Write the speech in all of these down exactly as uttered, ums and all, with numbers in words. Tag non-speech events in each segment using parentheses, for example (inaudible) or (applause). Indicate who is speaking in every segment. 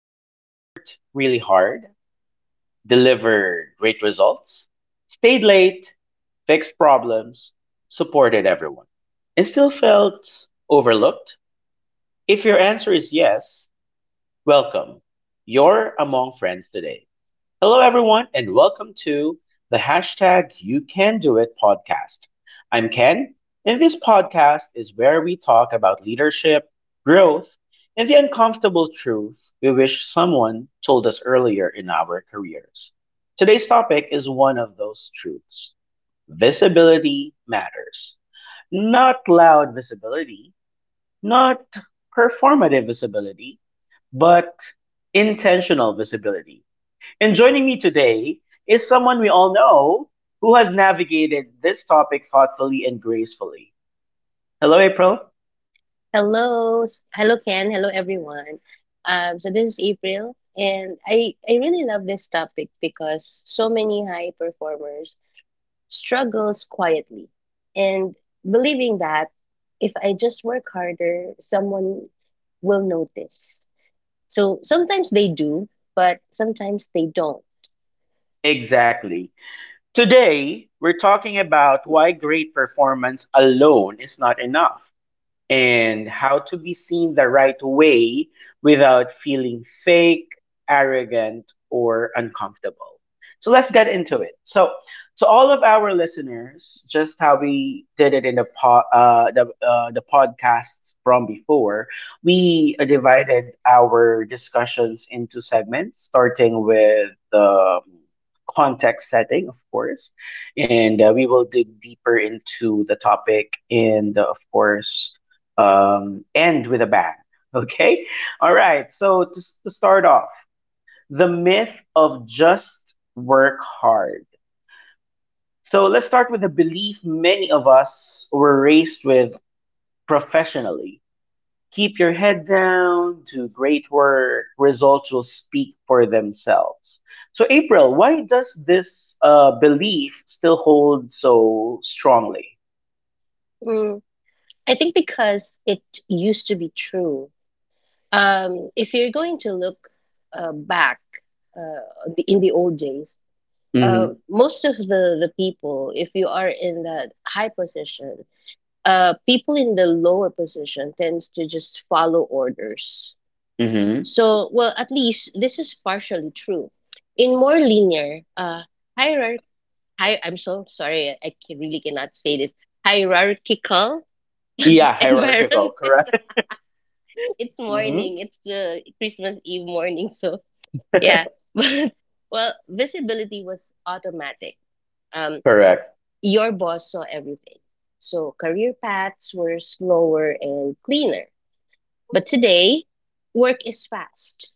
Speaker 1: Have you ever worked really hard, delivered great results, stayed late, fixed problems, supported everyone, and still felt overlooked? If your answer is yes, welcome. You're among friends today. Hello, everyone, and welcome to the hashtag You Can Do It podcast. I'm Ken, and this podcast is where we talk about leadership, growth, and the uncomfortable truth we wish someone told us earlier in our careers. Today's topic is one of those truths: visibility matters. Not loud visibility, not performative visibility, but intentional visibility. And joining me today is someone we all know who has navigated this topic thoughtfully and gracefully. Hello, April.
Speaker 2: Hello, s- hello Ken, hello everyone. Um, so this is April, and I I really love this topic because so many high performers struggles quietly, and believing that if I just work harder, someone will notice. So sometimes they do, but sometimes they don't.
Speaker 1: Exactly. Today, we're talking about why great performance alone is not enough, and how to be seen the right way without feeling fake, arrogant, or uncomfortable. So let's get into it. So, to all of our listeners, just how we did it in the po- uh, the, uh, the podcasts from before, we uh, divided our discussions into segments, starting with the context setting, of course, and uh, we will dig deeper into the topic and, uh, of course, um, end with a bang. (laughs) Okay? All right. So, to, to start off, the myth of just work hard. So, let's start with the belief many of us were raised with professionally. Keep your head down, do great work, results will speak for themselves. So, April, why does this uh, belief still hold so strongly?
Speaker 2: Mm, I think because it used to be true. Um, if you're going to look uh, back uh, the- in the old days, uh,
Speaker 1: Mm-hmm.
Speaker 2: most of the, the people, if you are in that high position, uh, people in the lower position tends to just follow orders.
Speaker 1: Mm-hmm.
Speaker 2: So, well, at least this is partially true. In more linear uh, hierarchy, hi, I'm so sorry, I I ca- really cannot say this hierarchical (laughs)
Speaker 1: Yeah, hierarchical,
Speaker 2: environment.
Speaker 1: correct?
Speaker 2: (laughs) It's
Speaker 1: Mm-hmm.
Speaker 2: morning. It's the Christmas Eve morning. So yeah, (laughs) but well, visibility was automatic. Um,
Speaker 1: (laughs) Correct.
Speaker 2: Your boss saw everything. So career paths were slower and cleaner. But today, work is fast.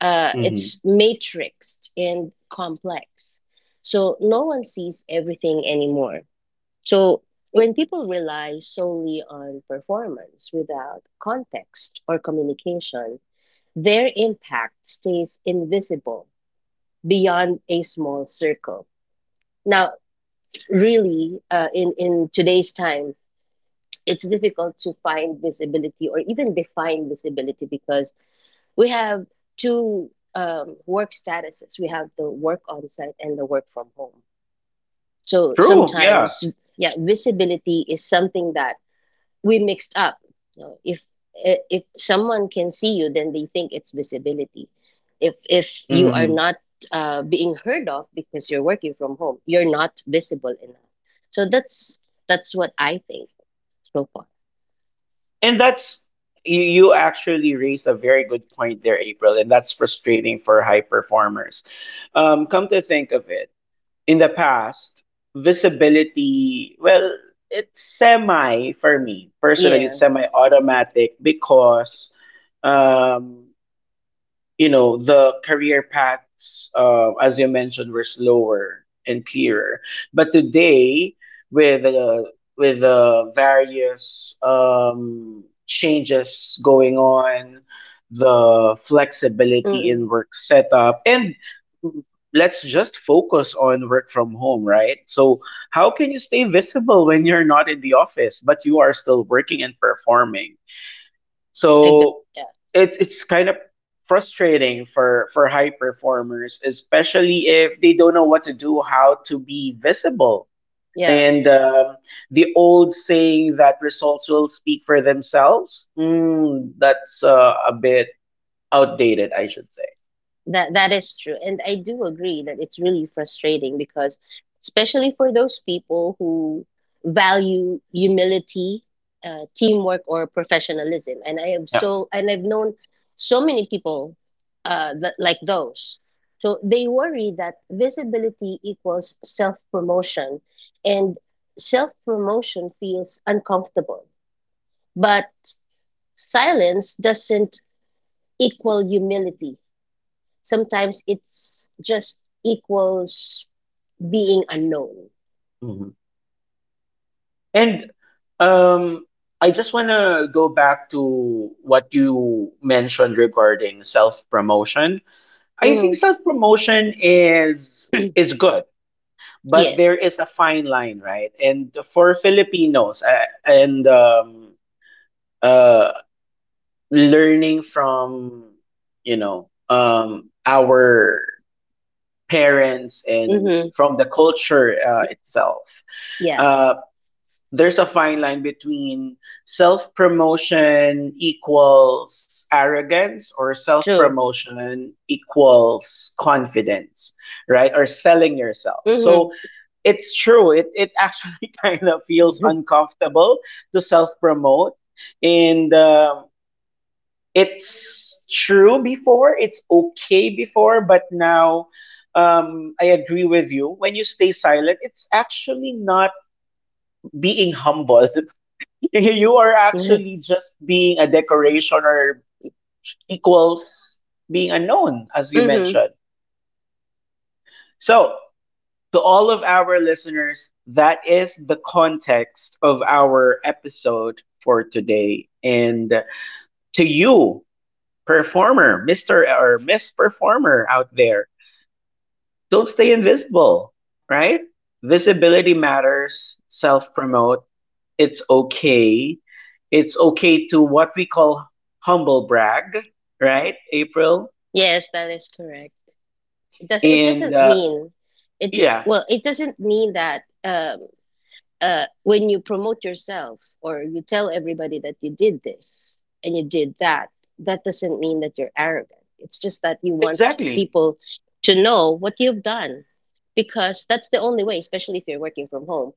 Speaker 2: Uh,
Speaker 1: Hmm.
Speaker 2: it's matrixed and complex. So no one sees everything anymore. So when people rely solely on performance without context or communication, their impact stays invisible beyond a small circle. Now, really, uh, in, in today's time, it's difficult to find visibility or even define visibility because we have two um, work statuses. We have the work on site and the work from home, so
Speaker 1: True. Yeah.
Speaker 2: sometimes, yeah, visibility is something that we mixed up, you know, if i- if someone can see you, then they think it's visibility. If if you are
Speaker 1: Hmm.
Speaker 2: not uh, being heard of because you're working from home, you're not visible enough. So that's that's what I think so far.
Speaker 1: And that's, you, you actually raised a very good point there, April, and that's frustrating for high performers. Um, come to think of it, in the past, visibility, well, it's semi, for me personally,
Speaker 2: Yeah.
Speaker 1: it's semi automatic because um, you know, the career paths, uh, as you mentioned, were slower and clearer. But today, with uh, with the various um, changes going on, the flexibility in work setup and let's just focus on work from home, right? So how can you stay visible when you're not in the office but you are still working and performing?
Speaker 2: Ex-
Speaker 1: So
Speaker 2: Yeah,
Speaker 1: it, it's kind of frustrating for, for high performers, especially if they don't know what to do, how to be visible.
Speaker 2: yeah,
Speaker 1: And um, the old saying that results will speak for themselves, mm, that's uh, a bit outdated, I should say.
Speaker 2: that that is true, and I do agree that it's really frustrating because, especially for those people who value humility, uh, teamwork, or professionalism, and I am
Speaker 1: Yeah.
Speaker 2: so, and I've known so many people, uh, that, like those. So they worry that visibility equals self promotion, and self promotion feels uncomfortable, but silence doesn't equal humility. Sometimes it's just equals being unknown.
Speaker 1: Mhm. And um, I just want to go back to what you mentioned regarding self promotion. I think
Speaker 2: Mm.
Speaker 1: self promotion is is
Speaker 2: (clears throat)
Speaker 1: good, but
Speaker 2: Yeah.
Speaker 1: there is a fine line, right? And for Filipinos, uh, and um, uh, learning from, you know, um, our parents and
Speaker 2: Mm-hmm.
Speaker 1: from the culture uh, itself,
Speaker 2: Yeah.
Speaker 1: uh, there's a fine line between self promotion equals arrogance or self
Speaker 2: True.
Speaker 1: promotion equals confidence, right? Or selling yourself.
Speaker 2: Mm-hmm.
Speaker 1: So it's true. It it actually (laughs) kind of feels uncomfortable to self promote, and um it's true before. It's okay before, but now um, I agree with you. When you stay silent, it's actually not being humble. (laughs) You are
Speaker 2: (laughs)
Speaker 1: actually just being a decoration, or equals being unknown, as you
Speaker 2: Mm-hmm.
Speaker 1: mentioned. So, to all of our listeners, that is the context of our episode for today. And to you, performer, mister or Miss Performer out there, don't stay invisible, right? Visibility matters, self promote. It's okay. It's okay to what we call humble brag, right, April?
Speaker 2: Yes, that is correct. It does it
Speaker 1: And
Speaker 2: doesn't
Speaker 1: uh,
Speaker 2: mean it
Speaker 1: yeah,
Speaker 2: well, it doesn't mean that Um. Uh, when you promote yourself or you tell everybody that you did this and you did that, that doesn't mean that you're arrogant. It's just that you want
Speaker 1: exactly.
Speaker 2: people to know what you've done, because that's the only way, especially if you're working from home.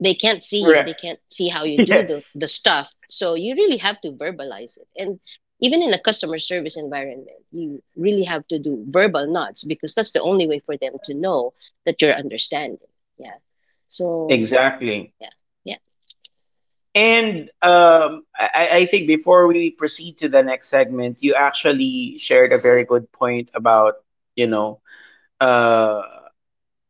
Speaker 2: They can't see you,
Speaker 1: Correct.
Speaker 2: they can't see how
Speaker 1: (laughs)
Speaker 2: you do the,
Speaker 1: Yes.
Speaker 2: the stuff. So you really have to verbalize it. And even in a customer service environment, you really have to do verbal nods because that's the only way for them to know that you're understanding. Yeah. So
Speaker 1: Exactly.
Speaker 2: yeah. Yeah.
Speaker 1: And um, I, I think before we proceed to the next segment, you actually shared a very good point about, you know, uh,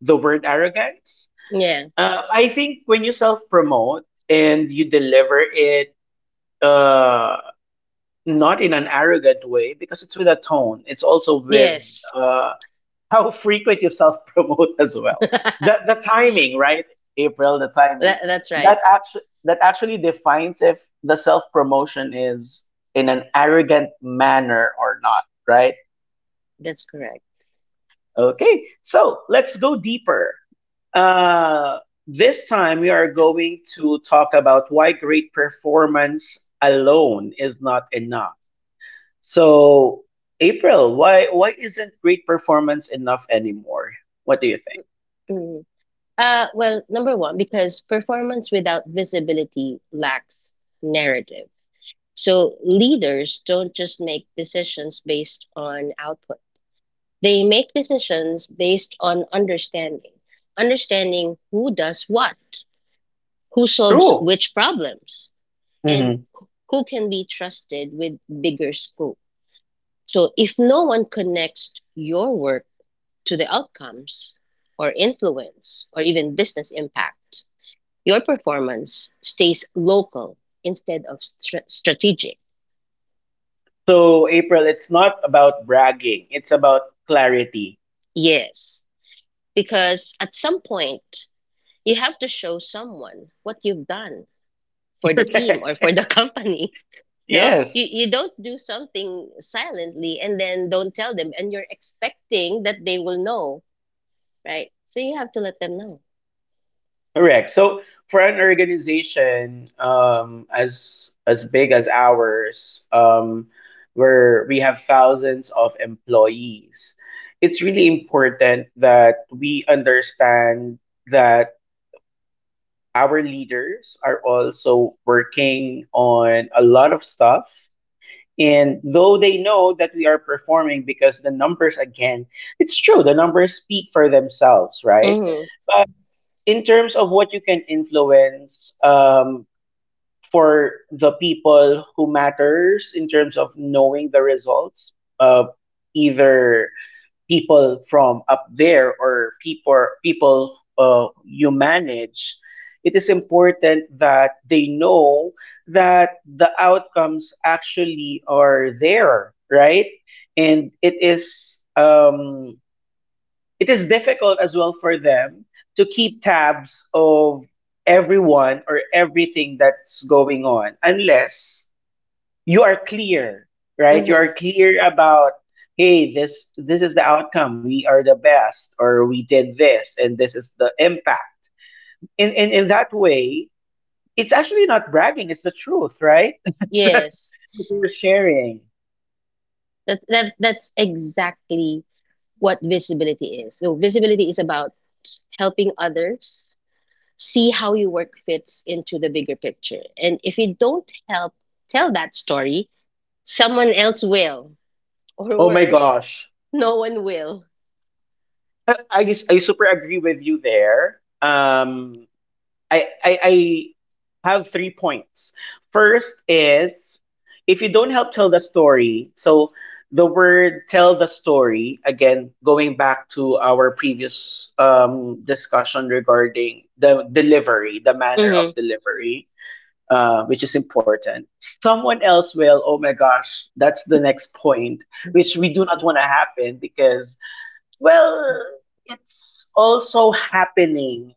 Speaker 1: the word arrogance.
Speaker 2: Yeah.
Speaker 1: Uh, I think when you self promote and you deliver it uh, not in an arrogant way, because it's with a tone, it's also with
Speaker 2: Yes.
Speaker 1: uh, how frequent you self promote (laughs) as
Speaker 2: (laughs)
Speaker 1: well.
Speaker 2: That,
Speaker 1: The the timing, right? April, the timing,
Speaker 2: that's right.
Speaker 1: that actually that actually defines if the self promotion is in an arrogant manner or not, right?
Speaker 2: That's correct.
Speaker 1: Okay, so let's go deeper. Uh, this time we are going to talk about why great performance alone is not enough. So, April, why why isn't great performance enough anymore? What do you think?
Speaker 2: Mm. Uh, well, number one, because performance without visibility lacks narrative. So leaders don't just make decisions based on output, they make decisions based on understanding, understanding who does what, who solves
Speaker 1: True.
Speaker 2: which problems, and
Speaker 1: Mhm.
Speaker 2: who can be trusted with bigger scope. So if no one connects your work to the outcomes or influence or even business impact, your performance stays local instead of stra- strategic.
Speaker 1: So, April, it's not about bragging, it's about clarity.
Speaker 2: Yes, because at some point, you have to show someone what you've done for
Speaker 1: (laughs)
Speaker 2: the team
Speaker 1: Correct.
Speaker 2: or for the (laughs)
Speaker 1: (laughs)
Speaker 2: company. No, you,
Speaker 1: Yes,
Speaker 2: you don't do something silently and then don't tell them, and you're expecting that they will know, right? So you have to let them know.
Speaker 1: correct. So, for an organization um, as as big as ours, um, where we have thousands of employees, it's really important that we understand that our leaders are also working on a lot of stuff. And though they know that we are performing because the numbers, again, it's true, the numbers speak for themselves, right?
Speaker 2: Mm-hmm.
Speaker 1: But in terms of what you can influence, um, for the people who matters in terms of knowing the results, uh, either people from up there or people people uh, you manage, it is important that they know that the outcomes actually are there, right? And it is um, it is difficult as well for them to keep tabs of everyone or everything that's going on unless you are clear, right? You are clear about, hey, this this is the outcome. We are the best, or we did this, and this is the impact. In in in that way, it's actually not bragging. It's the truth, right? (laughs) That,
Speaker 2: Yes,
Speaker 1: that you're sharing.
Speaker 2: that, that that's exactly what visibility is. So visibility is about helping others see how your work fits into the bigger picture. And if you don't help tell that story, someone else will, or
Speaker 1: Oh my
Speaker 2: worse,
Speaker 1: gosh,
Speaker 2: no one will.
Speaker 1: I I, just- I super agree with you there. Um, I, I I have three points. First is, if you don't help tell the story, so the word tell the story, again, going back to our previous um, discussion regarding the delivery, the manner
Speaker 2: Mm-hmm.
Speaker 1: of delivery, uh, which is important. Someone else will, oh my gosh, that's the next point, which we do not want to happen because, well, it's also happening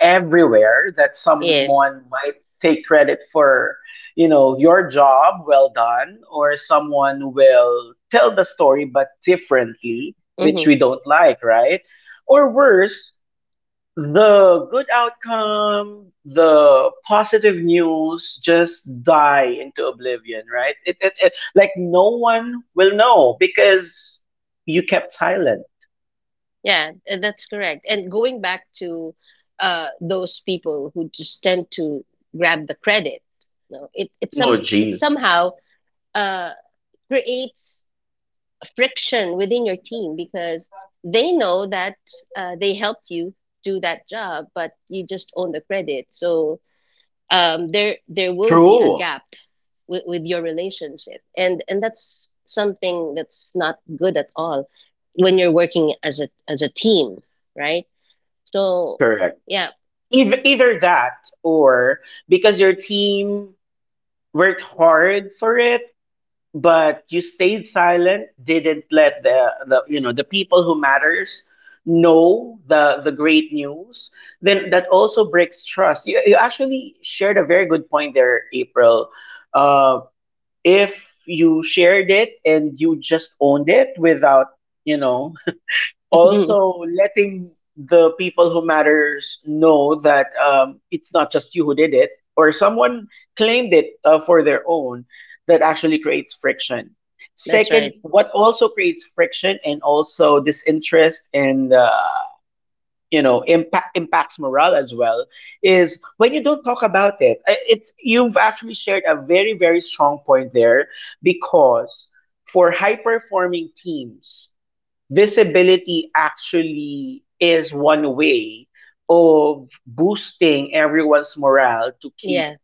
Speaker 1: everywhere that
Speaker 2: Yes.
Speaker 1: someone might take credit for, you know, your job well done, or someone will tell the story but differently, which
Speaker 2: Mm-hmm.
Speaker 1: we don't like, right? Or worse, the good outcome, the positive news just die into oblivion, right? It, it, it, like no one will know because you kept silent.
Speaker 2: Yeah, uh, that's correct. And going back to uh, those people who just tend to grab the credit, no, it it
Speaker 1: Oh,
Speaker 2: some it
Speaker 1: jeez.
Speaker 2: somehow uh. creates friction within your team because they know that uh, they helped you do that job, but you just own the credit. So um, there there will be a
Speaker 1: True.
Speaker 2: gap with, with your relationship, and and that's something that's not good at all when you're working as a as a team, right? So
Speaker 1: Correct.
Speaker 2: yeah.
Speaker 1: Either, either that, or because your team worked hard for it, but you stayed silent, didn't let the, the you know the people who matters know the the great news, then that also breaks trust. You, you actually shared a very good point there, April. Uh, if you shared it and you just owned it without, you know,
Speaker 2: (laughs)
Speaker 1: also letting the people who matters know that um, it's not just you who did it, or someone claimed it uh, for their own, that actually creates friction.
Speaker 2: That's
Speaker 1: Second,
Speaker 2: right.
Speaker 1: what also creates friction and also disinterest and uh, you know, impact impacts morale as well is when you don't talk about it. I- it's You've actually shared a very very strong point there, because for high performing teams, visibility actually is one way of boosting everyone's morale to keep
Speaker 2: Yeah.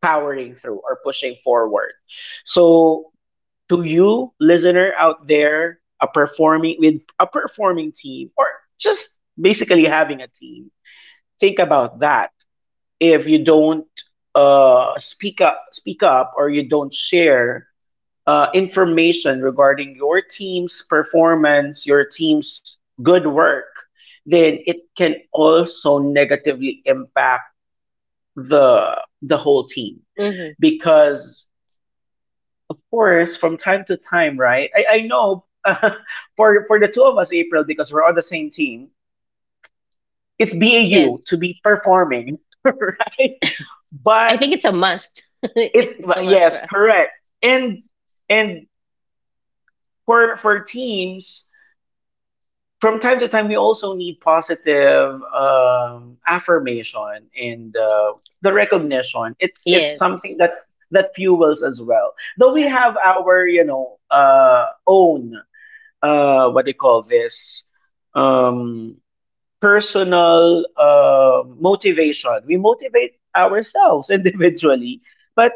Speaker 1: powering through or pushing forward. So, to you, listener out there, a performing, with a performing team, or just basically having a team, think about that. If you don't uh, speak up, speak up, or you don't share uh, information regarding your team's performance, your team's good work, then it can also negatively impact the the whole team,
Speaker 2: Hmm.
Speaker 1: because of course from time to time, right, i, I know, (laughs) uh, for for the two of us, April, because we're on the same team, it's bau
Speaker 2: Yes.
Speaker 1: to be performing, (laughs) right?
Speaker 2: I
Speaker 1: But
Speaker 2: think it's a must. (laughs)
Speaker 1: it's
Speaker 2: It's a
Speaker 1: but
Speaker 2: must for
Speaker 1: yes,
Speaker 2: us.
Speaker 1: correct. And and for for teams, from time to time, we also need positive um, affirmation and uh, the recognition. It's it's something
Speaker 2: Yes.
Speaker 1: that that fuels as well. Though we
Speaker 2: Yeah.
Speaker 1: have our, you know, uh, own uh, what do you call this, um, personal uh, motivation. We motivate ourselves (laughs) individually, but,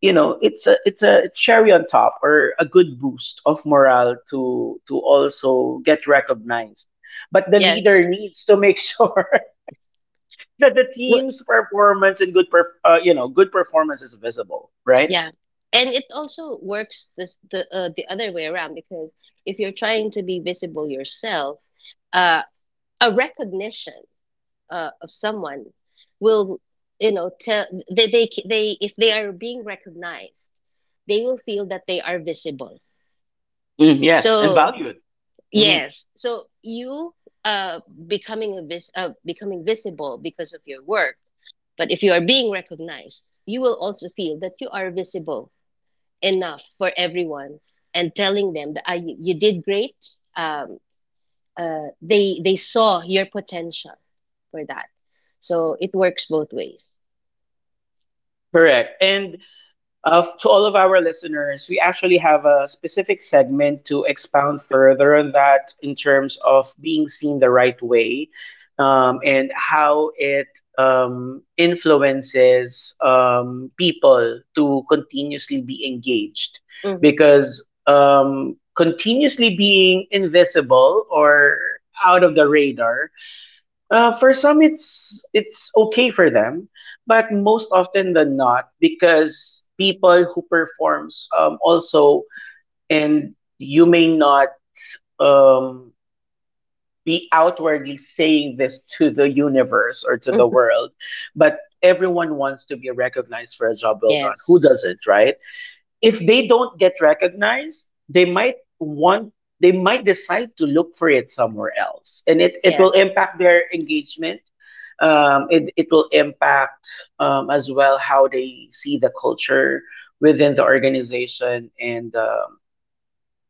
Speaker 1: you know, it's a, it's a cherry on top or a good boost of morale to to also get recognized, but the leader
Speaker 2: Yes.
Speaker 1: needs to make (laughs) sure that the
Speaker 2: Well,
Speaker 1: team's performance and good perf- uh, you know, good performance is visible, right?
Speaker 2: yeah. And it also works this the uh, the other way around, because if you're trying to be visible yourself, uh, a recognition uh, of someone will, you know, tell they they they if they are being recognized, they will feel that they are visible.
Speaker 1: Mm, yes, and
Speaker 2: So
Speaker 1: valued. Mhm.
Speaker 2: yes, so you uh becoming a vis uh, becoming visible because of your work, but if you are being recognized, you will also feel that you are visible enough for everyone and telling them that uh, you, you did great, um, uh, they they saw your potential for that, so it works both ways.
Speaker 1: Correct, and, uh, to all of our listeners, we actually have a specific segment to expound further on that in terms of being seen the right way, um, and how it um, influences um, people to continuously be engaged.
Speaker 2: Mhm.
Speaker 1: Because um, continuously being invisible or out of the radar, uh, for some, it's it's okay for them, but most often than not, because people who performs um, also, and you may not um, be outwardly saying this to the universe or to the
Speaker 2: Mhm.
Speaker 1: world, but everyone wants to be recognized for a job well done. Who
Speaker 2: Yes,
Speaker 1: doesn't, right? If they don't get recognized, they might want, they might decide to look for it somewhere else, and it it
Speaker 2: yes,
Speaker 1: will impact their engagement. Um, it it will impact um, as well how they see the culture within the organization, and um, of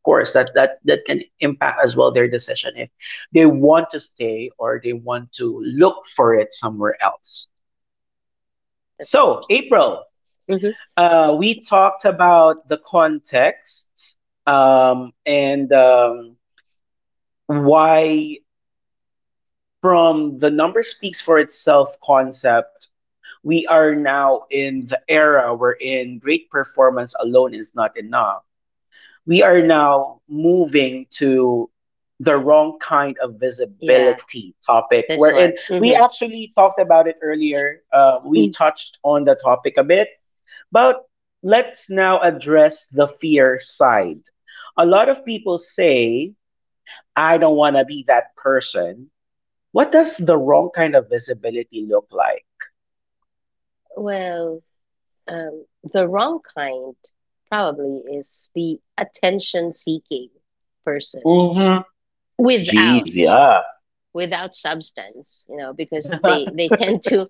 Speaker 1: course that that that can impact as well their decision if they want to stay or they want to look for it somewhere else.
Speaker 2: that's
Speaker 1: So,
Speaker 2: worse.
Speaker 1: April,
Speaker 2: Hmm.
Speaker 1: uh, we talked about the context um, and um, why, from the number speaks for itself concept, we are now in the era wherein great performance alone is not enough. We are now moving to the wrong kind of
Speaker 2: Yeah,
Speaker 1: visibility topic,
Speaker 2: this
Speaker 1: wherein
Speaker 2: one.
Speaker 1: we
Speaker 2: Hmm.
Speaker 1: actually talked about it earlier. Uh, we
Speaker 2: (clears throat)
Speaker 1: touched on the topic a bit. But let's now address the fear side. A lot of people say, I don't want to be that person. What does the wrong kind of visibility look like?
Speaker 2: Well, um, the wrong kind probably is the attention-seeking person
Speaker 1: Mm-hmm.
Speaker 2: without
Speaker 1: Jeez, yeah.
Speaker 2: without substance, you know, because they they tend to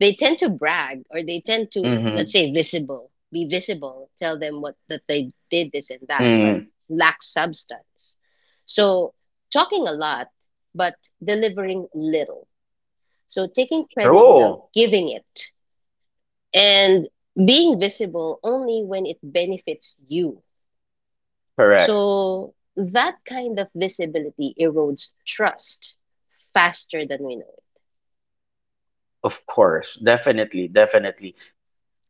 Speaker 2: they tend to brag, or they tend
Speaker 1: (laughs)
Speaker 2: to
Speaker 1: mm-hmm.
Speaker 2: let's say visible, be visible, tell them what that they did this and that, but
Speaker 1: Mm,
Speaker 2: lack substance. So talking a lot but delivering little. So taking credit without
Speaker 1: true.
Speaker 2: giving it, and being visible only when it benefits you.
Speaker 1: Correct.
Speaker 2: So that kind of visibility erodes trust faster than we know
Speaker 1: Of course. Definitely. Definitely.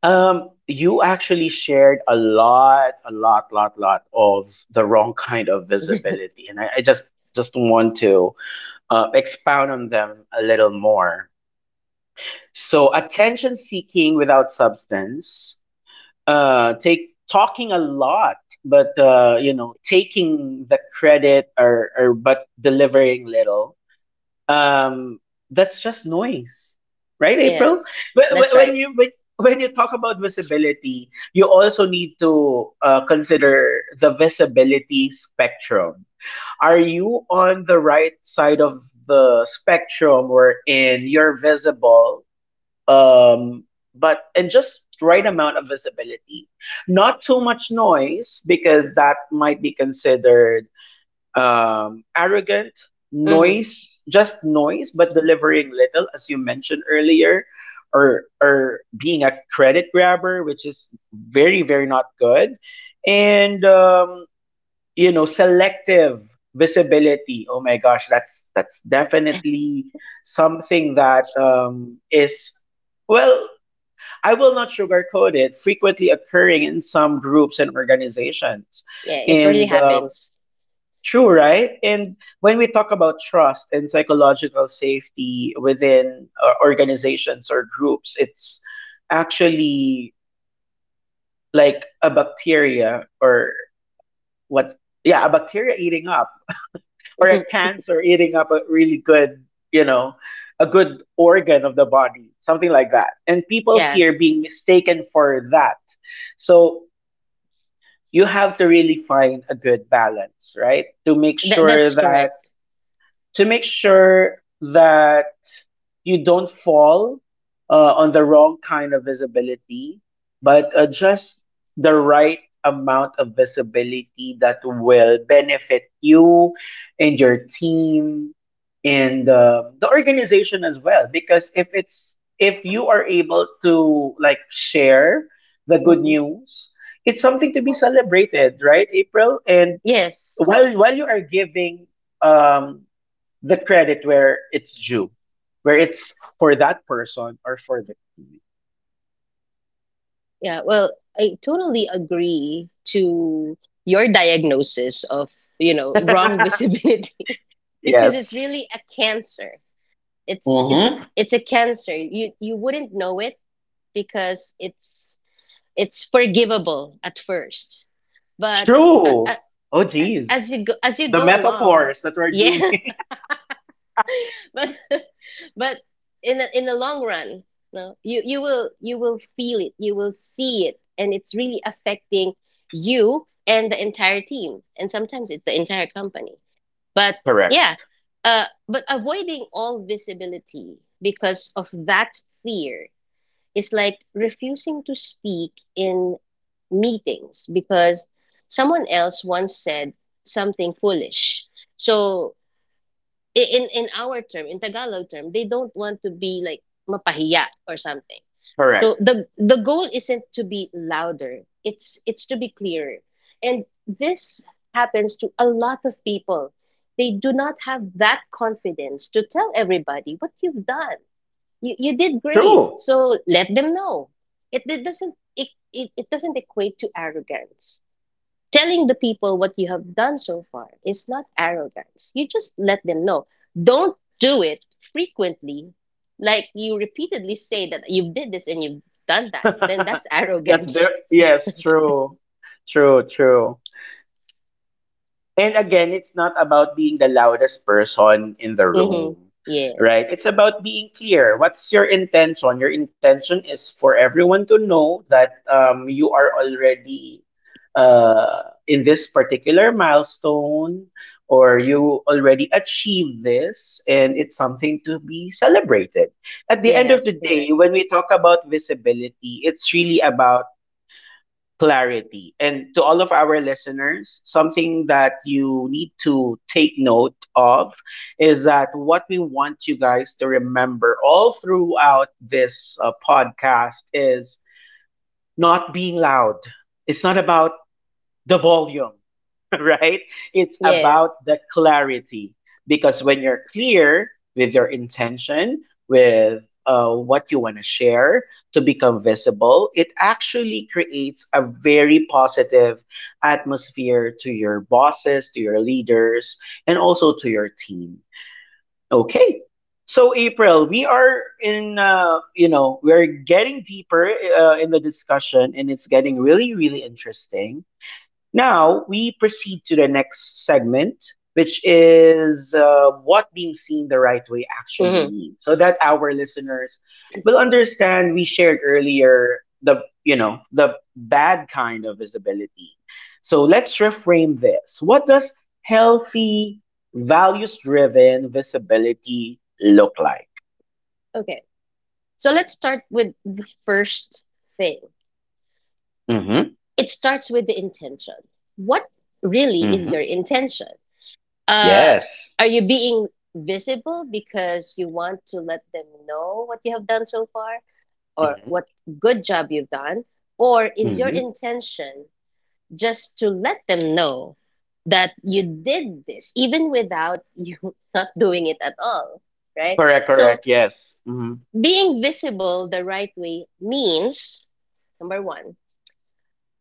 Speaker 1: Um, you actually shared a lot, a lot, lot, lot of the wrong kind of
Speaker 2: it.
Speaker 1: visibility. And I, I just just want to uh, expound on them a little more. So attention seeking without substance, uh, take talking a lot, but uh, you know taking the credit or, or but delivering little um that's just noise, right,
Speaker 2: (laughs)
Speaker 1: April?
Speaker 2: Yes,
Speaker 1: Wh- wh-
Speaker 2: that's right.
Speaker 1: when you when, when you talk about visibility, you also need to uh, consider the visibility spectrum. Are you on the right side of the spectrum wherein you're visible um but and just right amount of visibility, not too much noise because that might be considered um, arrogant,
Speaker 2: Hmm.
Speaker 1: noise, just noise, but delivering little, as you mentioned earlier, or or being a credit grabber, which is very very not good, and um, you know selective visibility. Oh my gosh, that's that's definitely something that um, is well. I will not sugarcoat it. Frequently occurring in some groups and organizations,
Speaker 2: Yeah, it really
Speaker 1: and um,
Speaker 2: happens.
Speaker 1: true, right? And when we talk about trust and psychological safety within uh, organizations or groups, it's actually like a bacteria or what? Yeah, a bacteria eating up, (laughs) or a
Speaker 2: Mhm.
Speaker 1: cancer eating up a really good, you know, a good organ of the body, something like that. And people
Speaker 2: Yeah,
Speaker 1: fear being mistaken for that. So you have to really find a good balance, right? To make
Speaker 2: that,
Speaker 1: sure
Speaker 2: that's
Speaker 1: that
Speaker 2: correct.
Speaker 1: to make sure that you don't fall uh, on the wrong kind of visibility, but uh, just the right amount of visibility that will benefit you and your team and uh, the organization as well. Because if it's if you are able to like share the good
Speaker 2: Hmm.
Speaker 1: news, it's something to be celebrated, right, April? And
Speaker 2: Yes.
Speaker 1: while while you are giving um the credit where it's due, where it's for that person or for the team.
Speaker 2: Yeah, well, I totally agree to your diagnosis of, you know, wrong (laughs)
Speaker 1: (laughs)
Speaker 2: visibility, because it's
Speaker 1: yes.
Speaker 2: really a cancer. It's it's
Speaker 1: Mm-hmm.
Speaker 2: it's a cancer. You you wouldn't know it because it's it's forgivable at first, but uh, uh,
Speaker 1: True. Oh,
Speaker 2: uh,
Speaker 1: geez.
Speaker 2: as you go as you
Speaker 1: The
Speaker 2: go along,
Speaker 1: metaphors that we're
Speaker 2: yeah.
Speaker 1: doing.
Speaker 2: (laughs) but but in the, in the long run, no, you you will you will feel it, you will see it, and it's really affecting you and the entire team, and sometimes it's the entire company. But
Speaker 1: (laughs)
Speaker 2: yeah,
Speaker 1: Correct.
Speaker 2: uh, but avoiding all visibility because of that fear is like refusing to speak in meetings because someone else once said something foolish. So i- in in our term, in Tagalog term, they don't want to be like mapahiya or something. So
Speaker 1: Correct.
Speaker 2: the the goal isn't to be louder. It's it's to be clearer. And this happens to a lot of people. They do not have that confidence to tell everybody what you've done. You, you did great,
Speaker 1: True.
Speaker 2: so let them know. It, it doesn't it, it, it doesn't equate to arrogance. Telling the people what you have done so far is not arrogance, you just let them know. Don't do it frequently, like you repeatedly say that you have did this and you've done
Speaker 1: (laughs)
Speaker 2: that. Then that's
Speaker 1: That's there.
Speaker 2: arrogance.
Speaker 1: Yes, true. True, true. And again, it's not about being the loudest person in the
Speaker 2: (laughs) Hmm.
Speaker 1: room,
Speaker 2: Yes.
Speaker 1: right? It's about being clear. What's your intention? Your intention is for everyone to know that um, you are already uh, in this particular milestone or you already achieved this, and it's something to be celebrated. At the end of
Speaker 2: Yes,
Speaker 1: the
Speaker 2: correct.
Speaker 1: day, when we talk about visibility, it's really about clarity. And to all of our listeners, something that you need to take note of is that what we want you guys to remember all throughout this uh, podcast is not being loud. It's not about the volume, (laughs) right? It's
Speaker 2: Yes.
Speaker 1: about the clarity, because when you're clear with your intention, with uh, what you want to share to become visible, it actually creates a very positive atmosphere to your bosses, to your leaders, and also to your team. Okay. So April, we are in uh, you know, we're getting deeper uh, in the discussion and it's getting really really interesting. Now we proceed to the next segment, which is uh, what being seen the right way actually
Speaker 2: Hmm.
Speaker 1: means, so that our listeners will understand. We shared earlier the you know the bad kind of visibility. So let's reframe this. What does healthy, values-driven visibility look like?
Speaker 2: Okay. So let's start with the first thing.
Speaker 1: Mm-hmm.
Speaker 2: It starts with the intention. What really is
Speaker 1: Mm-hmm.
Speaker 2: your intention? Uh,
Speaker 1: Yes.
Speaker 2: are you being visible because you want to let them know what you have done so far, or
Speaker 1: Mm-hmm.
Speaker 2: what good job you've done? Or is your
Speaker 1: Mm-hmm.
Speaker 2: intention just to let them know that you did this even without you (laughs) not doing it at all? Right?
Speaker 1: Correct.
Speaker 2: So,
Speaker 1: Correct. Yes. Mm-hmm.
Speaker 2: being visible the right way means number one,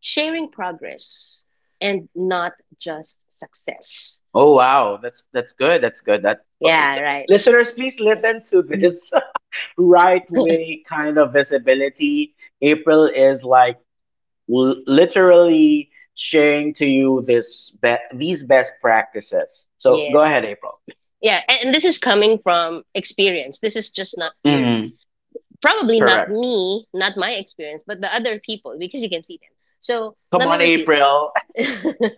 Speaker 2: sharing progress and not just success.
Speaker 1: Oh wow, that's that's good. That's good. That uh,
Speaker 2: Yeah, right.
Speaker 1: listeners, please listen to
Speaker 2: Mm.
Speaker 1: this (laughs) right
Speaker 2: (laughs)
Speaker 1: way kind of visibility. April is like l- literally sharing to you this be- these best practices. So go
Speaker 2: Yes.
Speaker 1: ahead, April.
Speaker 2: Yeah, and and this is coming from experience. This is just not theory.
Speaker 1: Hmm.
Speaker 2: Probably not
Speaker 1: Correct.
Speaker 2: me, not my experience, but the other people, because you can see them. So
Speaker 1: Come
Speaker 2: let me
Speaker 1: on,
Speaker 2: repeat.
Speaker 1: April.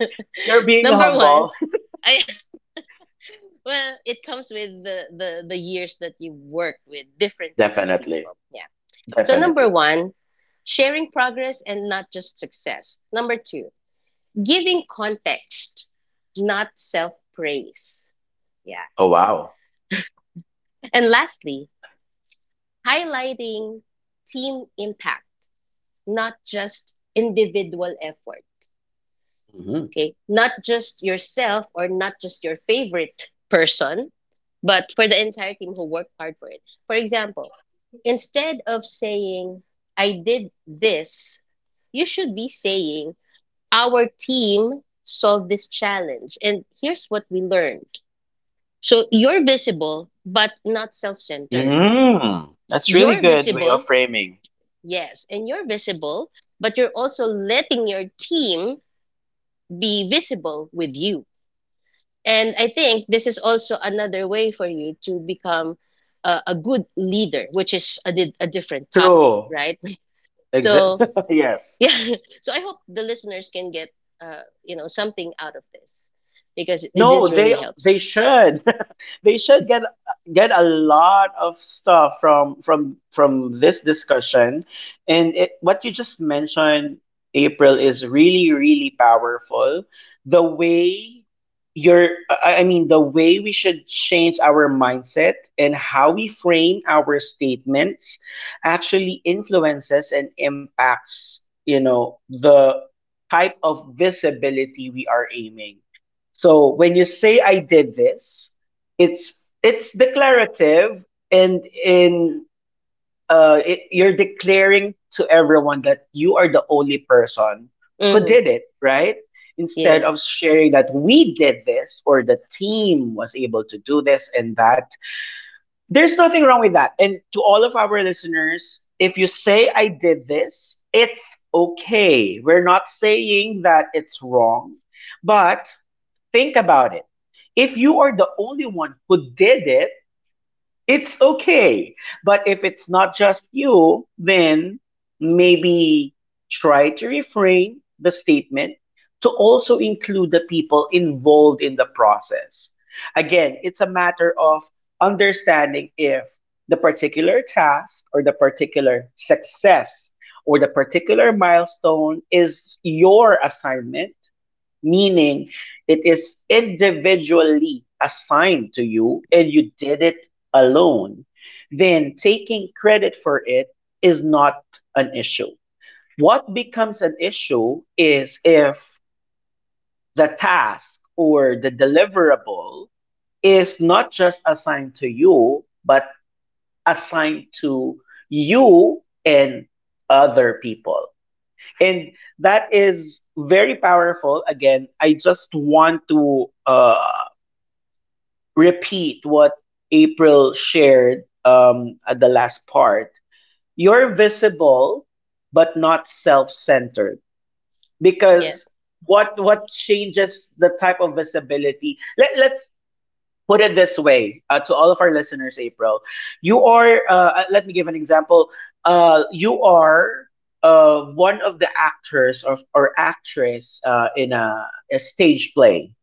Speaker 2: (laughs)
Speaker 1: (laughs) You're being
Speaker 2: Number one,
Speaker 1: humble. (laughs)
Speaker 2: I (laughs) well, it comes with the, the the years that you work with different kinds of
Speaker 1: Definitely.
Speaker 2: people. Yeah. So number
Speaker 1: Definitely.
Speaker 2: one, sharing progress and not just success. Number two, giving context, not self praise. Yeah.
Speaker 1: Oh wow.
Speaker 2: And lastly, highlighting team impact, not just individual effort.
Speaker 1: Hmm.
Speaker 2: Okay. Not just yourself or not just your favorite person, but for the entire team who worked hard for it. For example, instead of saying, I did this, you should be saying, our team solved this challenge. And here's what we learned. So you're visible, but not self centered.
Speaker 1: Hmm. That's really
Speaker 2: You're
Speaker 1: good way of
Speaker 2: visible,
Speaker 1: framing.
Speaker 2: yes, and you're visible, but you're also letting your team be visible with you. And I think this is also another way for you to become a, a good leader, which is a, di- a different topic,
Speaker 1: True.
Speaker 2: right? (laughs) So,
Speaker 1: Exactly. (laughs) yes.
Speaker 2: yeah. (laughs) So I hope the listeners can get, uh, you know, something out of this, because it,
Speaker 1: No,
Speaker 2: this
Speaker 1: they
Speaker 2: really
Speaker 1: they
Speaker 2: helps.
Speaker 1: should. (laughs) They should get get a lot of stuff from from from this discussion. And it, what you just mentioned, April, is really really powerful. The way you're, I I mean, the way we should change our mindset and how we frame our statements actually influences and impacts, you know, the type of visibility we are aiming. So when you say I did this, it's it's declarative, and in uh it, you're declaring to everyone that you are the only person who
Speaker 2: Hmm.
Speaker 1: did it, right? Instead
Speaker 2: Yes.
Speaker 1: of sharing that we did this or the team was able to do this and that. There's nothing wrong with that. And to all of our listeners, if you say I did this, it's okay. We're not saying that it's wrong, but think about it. If you are the only one who did it, it's okay. But if it's not just you, then maybe try to refrain the statement to also include the people involved in the process. Again, it's a matter of understanding if the particular task or the particular success or the particular milestone is your assignment, meaning it is individually assigned to you and you did it alone, then taking credit for it is not an issue. What becomes an issue is if the task or the deliverable is not just assigned to you, but assigned to you and other people. And that is very powerful. Again, I just want to uh, repeat what April shared um, at the last part. You're visible but not self-centered,
Speaker 2: Yeah.
Speaker 1: because what what changes the type of visibility. Let, let's put it this way. Uh, to all of our listeners, April, you are, uh, uh, let me give an example. Uh, you are uh, one of the actors or, or actress uh, in a, a stage play.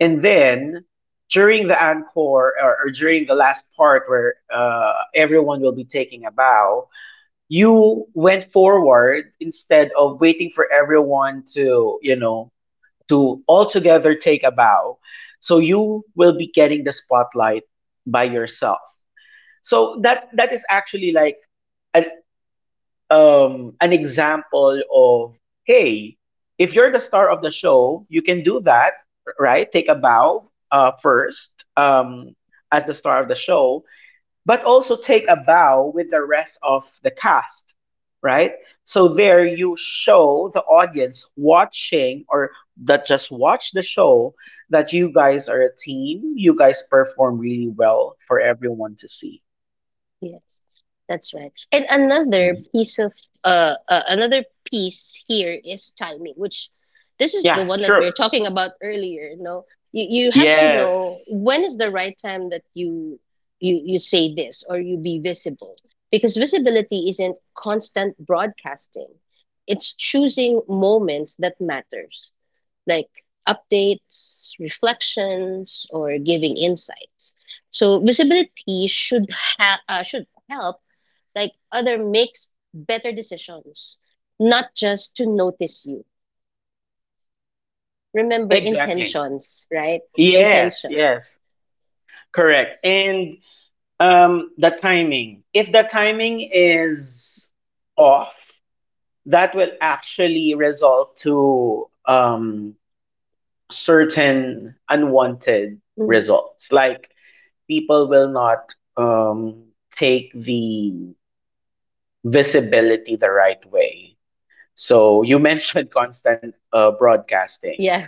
Speaker 1: And then during the encore or, or during the last part where uh, everyone will be taking a bow, you went forward instead of waiting for everyone to, you know, to altogether take a bow. So you will be getting the spotlight by yourself. So that that is actually like an um an example of hey, if you're the star of the show, you can do that, right? Take a bow uh, first um, as the star of the show, but also take a bow with the rest of the cast, right? So there you show the audience watching or that just watch the show that you guys are a team. You guys perform really well for everyone to see.
Speaker 2: Yes, that's right. And another
Speaker 1: Mhm.
Speaker 2: piece of uh, uh another piece here is timing, which this is the
Speaker 1: Yeah,
Speaker 2: one that we
Speaker 1: true.
Speaker 2: were talking about earlier. No, you you have to know
Speaker 1: Yes,
Speaker 2: when is the right time that you you you say this or you be visible, because visibility isn't constant broadcasting. It's choosing moments that matters, like updates, reflections, or giving insights. So visibility should ha- uh, should help like other makes better decisions, not just to notice you. Remember
Speaker 1: exactly.
Speaker 2: intentions, right?
Speaker 1: Yes,
Speaker 2: Intentions.
Speaker 1: yes, correct. And um, the timing. If the timing is off, that will actually result to um, certain unwanted
Speaker 2: Mhm.
Speaker 1: results. Like people will not um, take the visibility the right way. So you mentioned (laughs) constant uh, broadcasting.
Speaker 2: Yeah.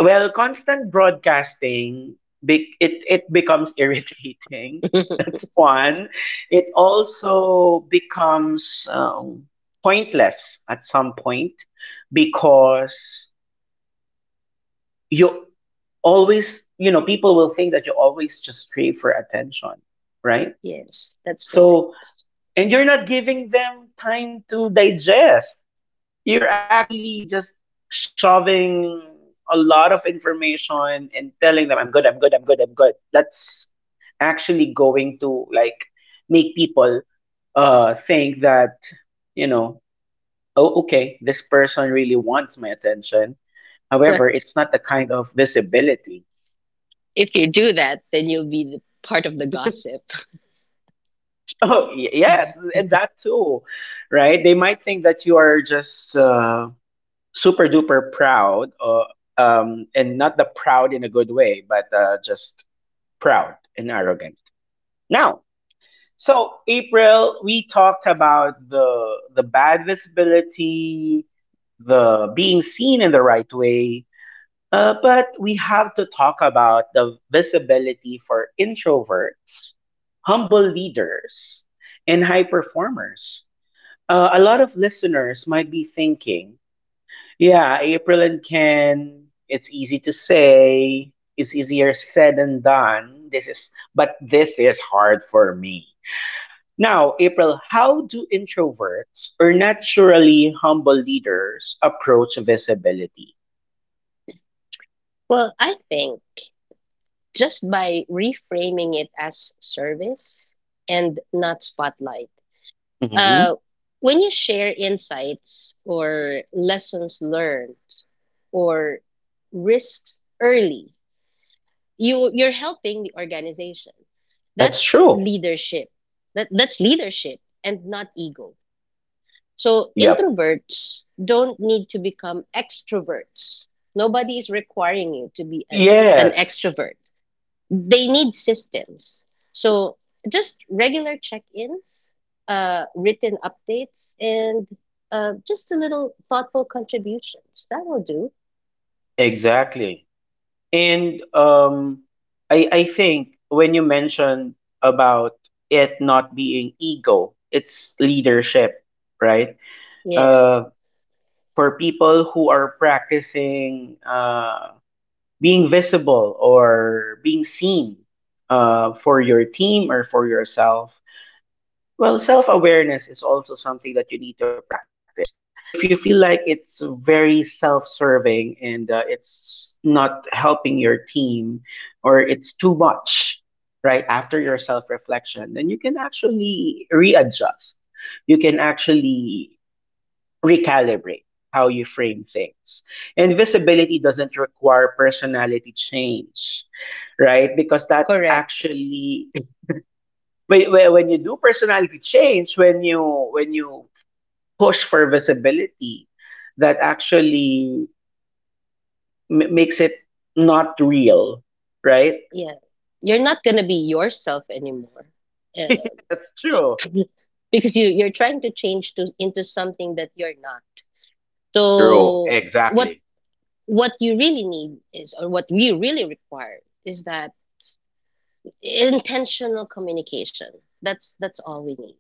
Speaker 1: Well, constant broadcasting, be- it, it becomes irritating. (laughs)
Speaker 2: (laughs)
Speaker 1: That's one. It also becomes um, pointless at some point because you always, you know, people will think that you always just crave for attention, right?
Speaker 2: Yes, that's correct.
Speaker 1: So
Speaker 2: (laughs)
Speaker 1: and you're not giving them time to digest. You are actually just shoving a lot of information and telling them, I'm good, I'm good, I'm good, I'm good. That's actually going to like make people uh, think that, you know, oh, okay, this person really wants my attention.
Speaker 2: But
Speaker 1: However, it's not the kind of visibility. (laughs)
Speaker 2: if you do that, then you'll be the part of the gossip.
Speaker 1: Oh, y- yes,
Speaker 2: (laughs)
Speaker 1: and that too, right? They might think that you are just. Uh, super duper proud, uh, um, and not the proud in a good way, but uh, just proud and arrogant. Now, so April, we talked about the the bad visibility, the being seen in the right way, uh, but we have to talk about the visibility for introverts, humble leaders, and high performers. Uh, a lot of listeners might be thinking, yeah, April and Ken, it's easy to say, it's easier said than done. This is but this is hard for me. Now, April, how do introverts or naturally humble leaders approach visibility?
Speaker 2: Well, I think, just by reframing it as service and not spotlight.
Speaker 1: Hmm.
Speaker 2: Uh, when you share insights or lessons learned or risks early, you you're helping the organization.
Speaker 1: That's
Speaker 2: That's
Speaker 1: true.
Speaker 2: leadership. That that's leadership and not ego. So
Speaker 1: Yep.
Speaker 2: introverts don't need to become extroverts. Nobody is requiring you to be a, an
Speaker 1: Yes,
Speaker 2: extrovert. They need systems. So just regular check-ins, uh, written updates, and uh, just a little thoughtful contributions. That will do.
Speaker 1: exactly. And um, I I think when you mentioned about it not being ego, it's leadership, right? Uh,
Speaker 2: Yes,
Speaker 1: for people who are practicing uh, being visible or being seen uh, for your team or for yourself. Well, self awareness is also something that you need to practice. If you feel like it's very self serving and uh, it's not helping your team or it's too much, right, after your self reflection, then you can actually readjust. You can actually recalibrate how you frame things. Invisibility doesn't require personality change, right? Because that
Speaker 2: correct.
Speaker 1: actually when, when when you do personality change, when you when you push for visibility, that actually m- makes it not real, right?
Speaker 2: Yeah, you're not gonna be yourself anymore, uh,
Speaker 1: (laughs) That's true.
Speaker 2: (laughs) because you you're trying to change to into something that you're not.
Speaker 1: True,
Speaker 2: So what
Speaker 1: exactly.
Speaker 2: what you really need is, or what we really require, is that intentional communication. That's that's all we need.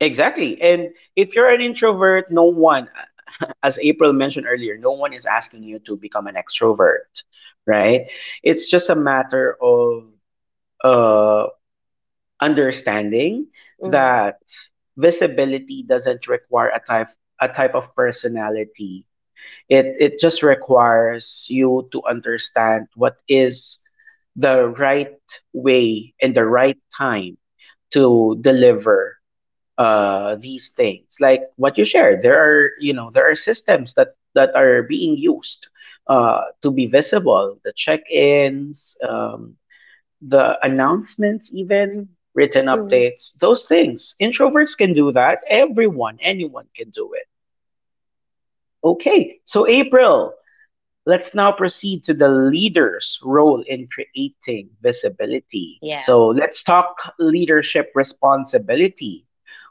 Speaker 1: Exactly. And if you're an introvert, no one, (laughs) as April mentioned earlier, no one is asking you to become an extrovert, right? It's just a matter of uh, understanding
Speaker 2: Mm,
Speaker 1: that visibility doesn't require a type a type of personality. It it just requires you to understand what is the right way and the right time to deliver uh, these things. Like what you shared, there are you know there are systems that that are being used uh, to be visible. The check-ins, um, the announcements, even written
Speaker 2: mm,
Speaker 1: updates, those things. Introverts can do that. Everyone, anyone can do it. Okay, so April, let's now proceed to the leader's role in creating visibility.
Speaker 2: yeah.
Speaker 1: So let's talk leadership responsibility.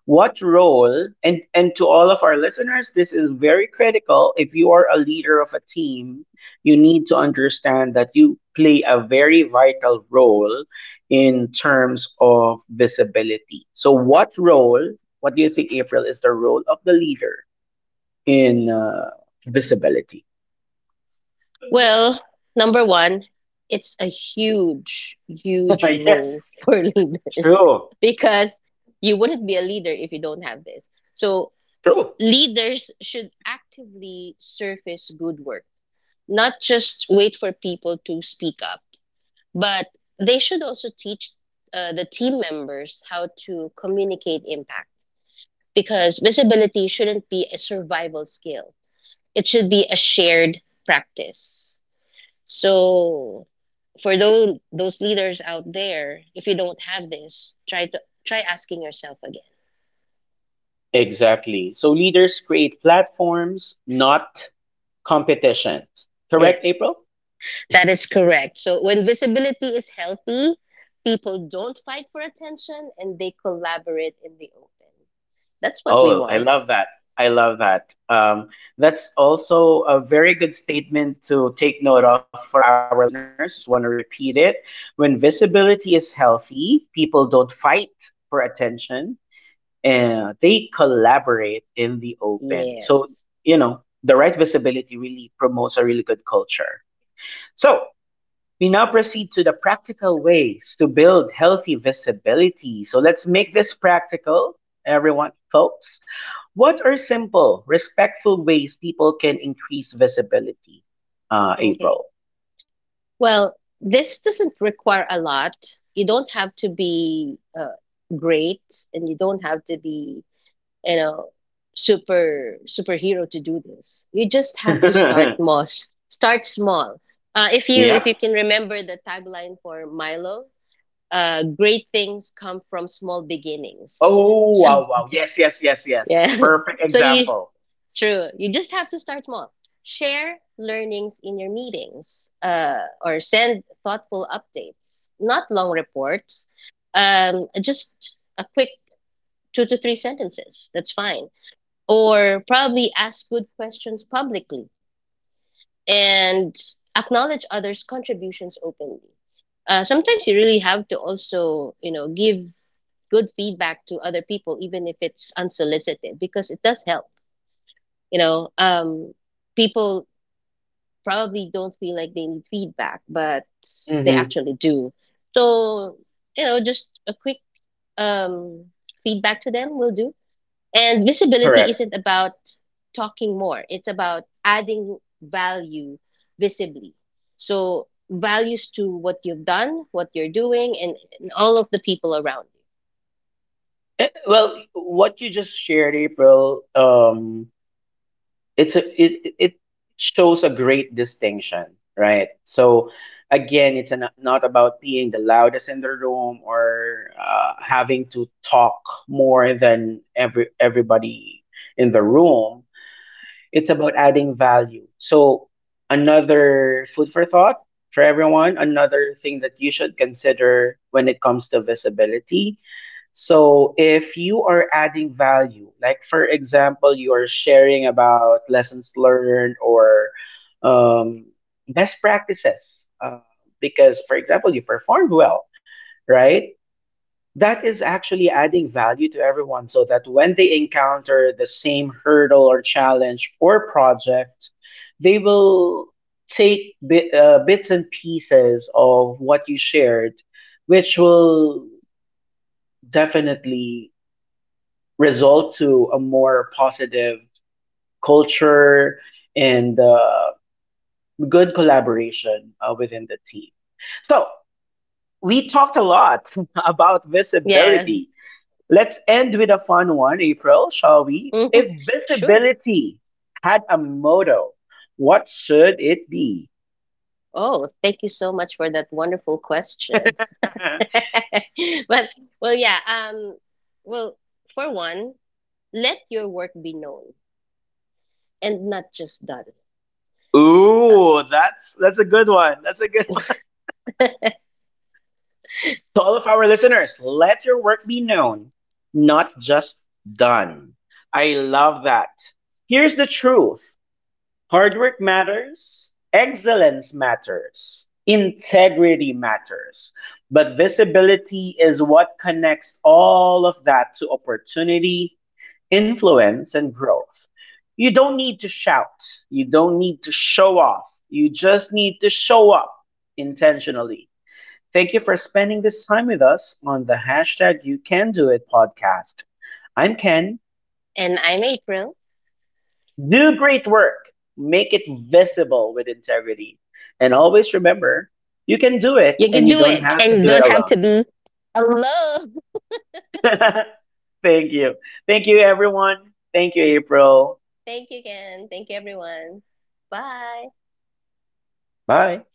Speaker 1: What role, and, and to all of our listeners, this is very critical. If you are a leader of a team, you need to understand that you play a very vital role in terms of visibility. So, what role, what do you think, April, is the role of the leader in uh, visibility?
Speaker 2: Well, number one, it's a huge, huge
Speaker 1: (laughs)
Speaker 2: role
Speaker 1: Yes,
Speaker 2: (laughs) for leaders,
Speaker 1: true.
Speaker 2: because you wouldn't be a leader if you don't have this. So,
Speaker 1: True.
Speaker 2: leaders should actively surface good work, not just wait for people to speak up, but they should also teach uh, the team members how to communicate impact, because visibility shouldn't be a survival skill, it should be a shared practice. So for those those leaders out there, if you don't have this, try to try asking yourself again.
Speaker 1: Exactly. So leaders create platforms, not competitions.
Speaker 2: Yeah,
Speaker 1: Correct, April?
Speaker 2: that is correct. So when visibility is healthy, people don't fight for attention and they collaborate in the open. That's what we
Speaker 1: Oh, I
Speaker 2: want.
Speaker 1: love that. I love that. Um, that's also a very good statement to take note of for our listeners. Just want to repeat it. When visibility is healthy, people don't fight for attention and they collaborate in the open. So,
Speaker 2: Yes.
Speaker 1: you know, the right visibility really promotes a really good culture. So, we now proceed to the practical ways to build healthy visibility. So let's make this practical, everyone, folks. What are simple, respectful ways people can increase visibility? Uh,
Speaker 2: Okay.
Speaker 1: April.
Speaker 2: Well, this doesn't require a lot. You don't have to be uh, great and you don't have to be you know super superhero to do this. You just
Speaker 1: (laughs)
Speaker 2: have to start
Speaker 1: Yep.
Speaker 2: mos start small. Uh, if you if you can remember the tagline for Milo, uh, great things come from small beginnings.
Speaker 1: Oh,
Speaker 2: So
Speaker 1: wow, wow. Yes, yes, yes, yes.
Speaker 2: yeah, (laughs)
Speaker 1: Perfect
Speaker 2: so you,
Speaker 1: example.
Speaker 2: true, you just have to start small. Share learnings in your meetings, uh, or send thoughtful updates, not long reports, um, just a quick two to three sentences, that's fine. Or probably ask good questions publicly, and acknowledge others' contributions openly. Uh, sometimes you really have to also, you know, give good feedback to other people, even if it's unsolicited, because it does help. You know, um, People probably don't feel like they need feedback, but they
Speaker 1: Mm-hmm.
Speaker 2: actually do. So, you know, just a quick um, feedback to them will do. And visibility
Speaker 1: Correct.
Speaker 2: isn't about talking more, it's about adding value visibly. So, values to what you've done, what you're doing, and, and all of the people around you.
Speaker 1: Eh, well, what you just shared, April, um, it's a it, it shows a great distinction, right? So again, it's an, not about being the loudest in the room or uh, having to talk more than every everybody in the room. It's about adding value. So another food for thought for everyone, another thing that you should consider when it comes to visibility. So if you are adding value, like for example, you are sharing about lessons learned or um, best practices, uh, because for example, you performed well, right? That is actually adding value to everyone, so that when they encounter the same hurdle or challenge or project, they will take bit, uh, bits and pieces of what you shared, which will definitely result to a more positive culture and uh, good collaboration uh, within the team. So we talked a lot (laughs) about
Speaker 2: Yeah.
Speaker 1: visibility. Let's end with a fun one, April, shall we?
Speaker 2: (laughs)
Speaker 1: If
Speaker 2: Mhm. Sure.
Speaker 1: visibility had a motto, what should it be?
Speaker 2: Oh, thank you so much for that wonderful
Speaker 1: (laughs)
Speaker 2: question. (laughs) Well, well, yeah. Um, well, for one, let your work be known and not just done. Uh,
Speaker 1: Ooh, that's that's a good one. That's a good. To all of our listeners, let your work be known, not just done. I love that. Here's the truth: hard work matters, excellence matters, integrity matters. But visibility is what connects all of that to opportunity, influence, and growth. You don't need to shout, you don't need to show off, you just need to show up intentionally. Thank you for spending this time with us on the hashtag You Can Do It podcast. I'm Ken.
Speaker 2: and I'm April.
Speaker 1: Do great work, make it visible with integrity. And always remember, you can do it
Speaker 2: You
Speaker 1: and
Speaker 2: can
Speaker 1: you
Speaker 2: do
Speaker 1: don't
Speaker 2: it,
Speaker 1: have
Speaker 2: and
Speaker 1: to
Speaker 2: you
Speaker 1: do it
Speaker 2: don't have
Speaker 1: alone.
Speaker 2: to be alone.
Speaker 1: (laughs) Thank you. Thank you, everyone. Thank you, April.
Speaker 2: Thank you again. Thank you, everyone. Bye.
Speaker 1: Bye.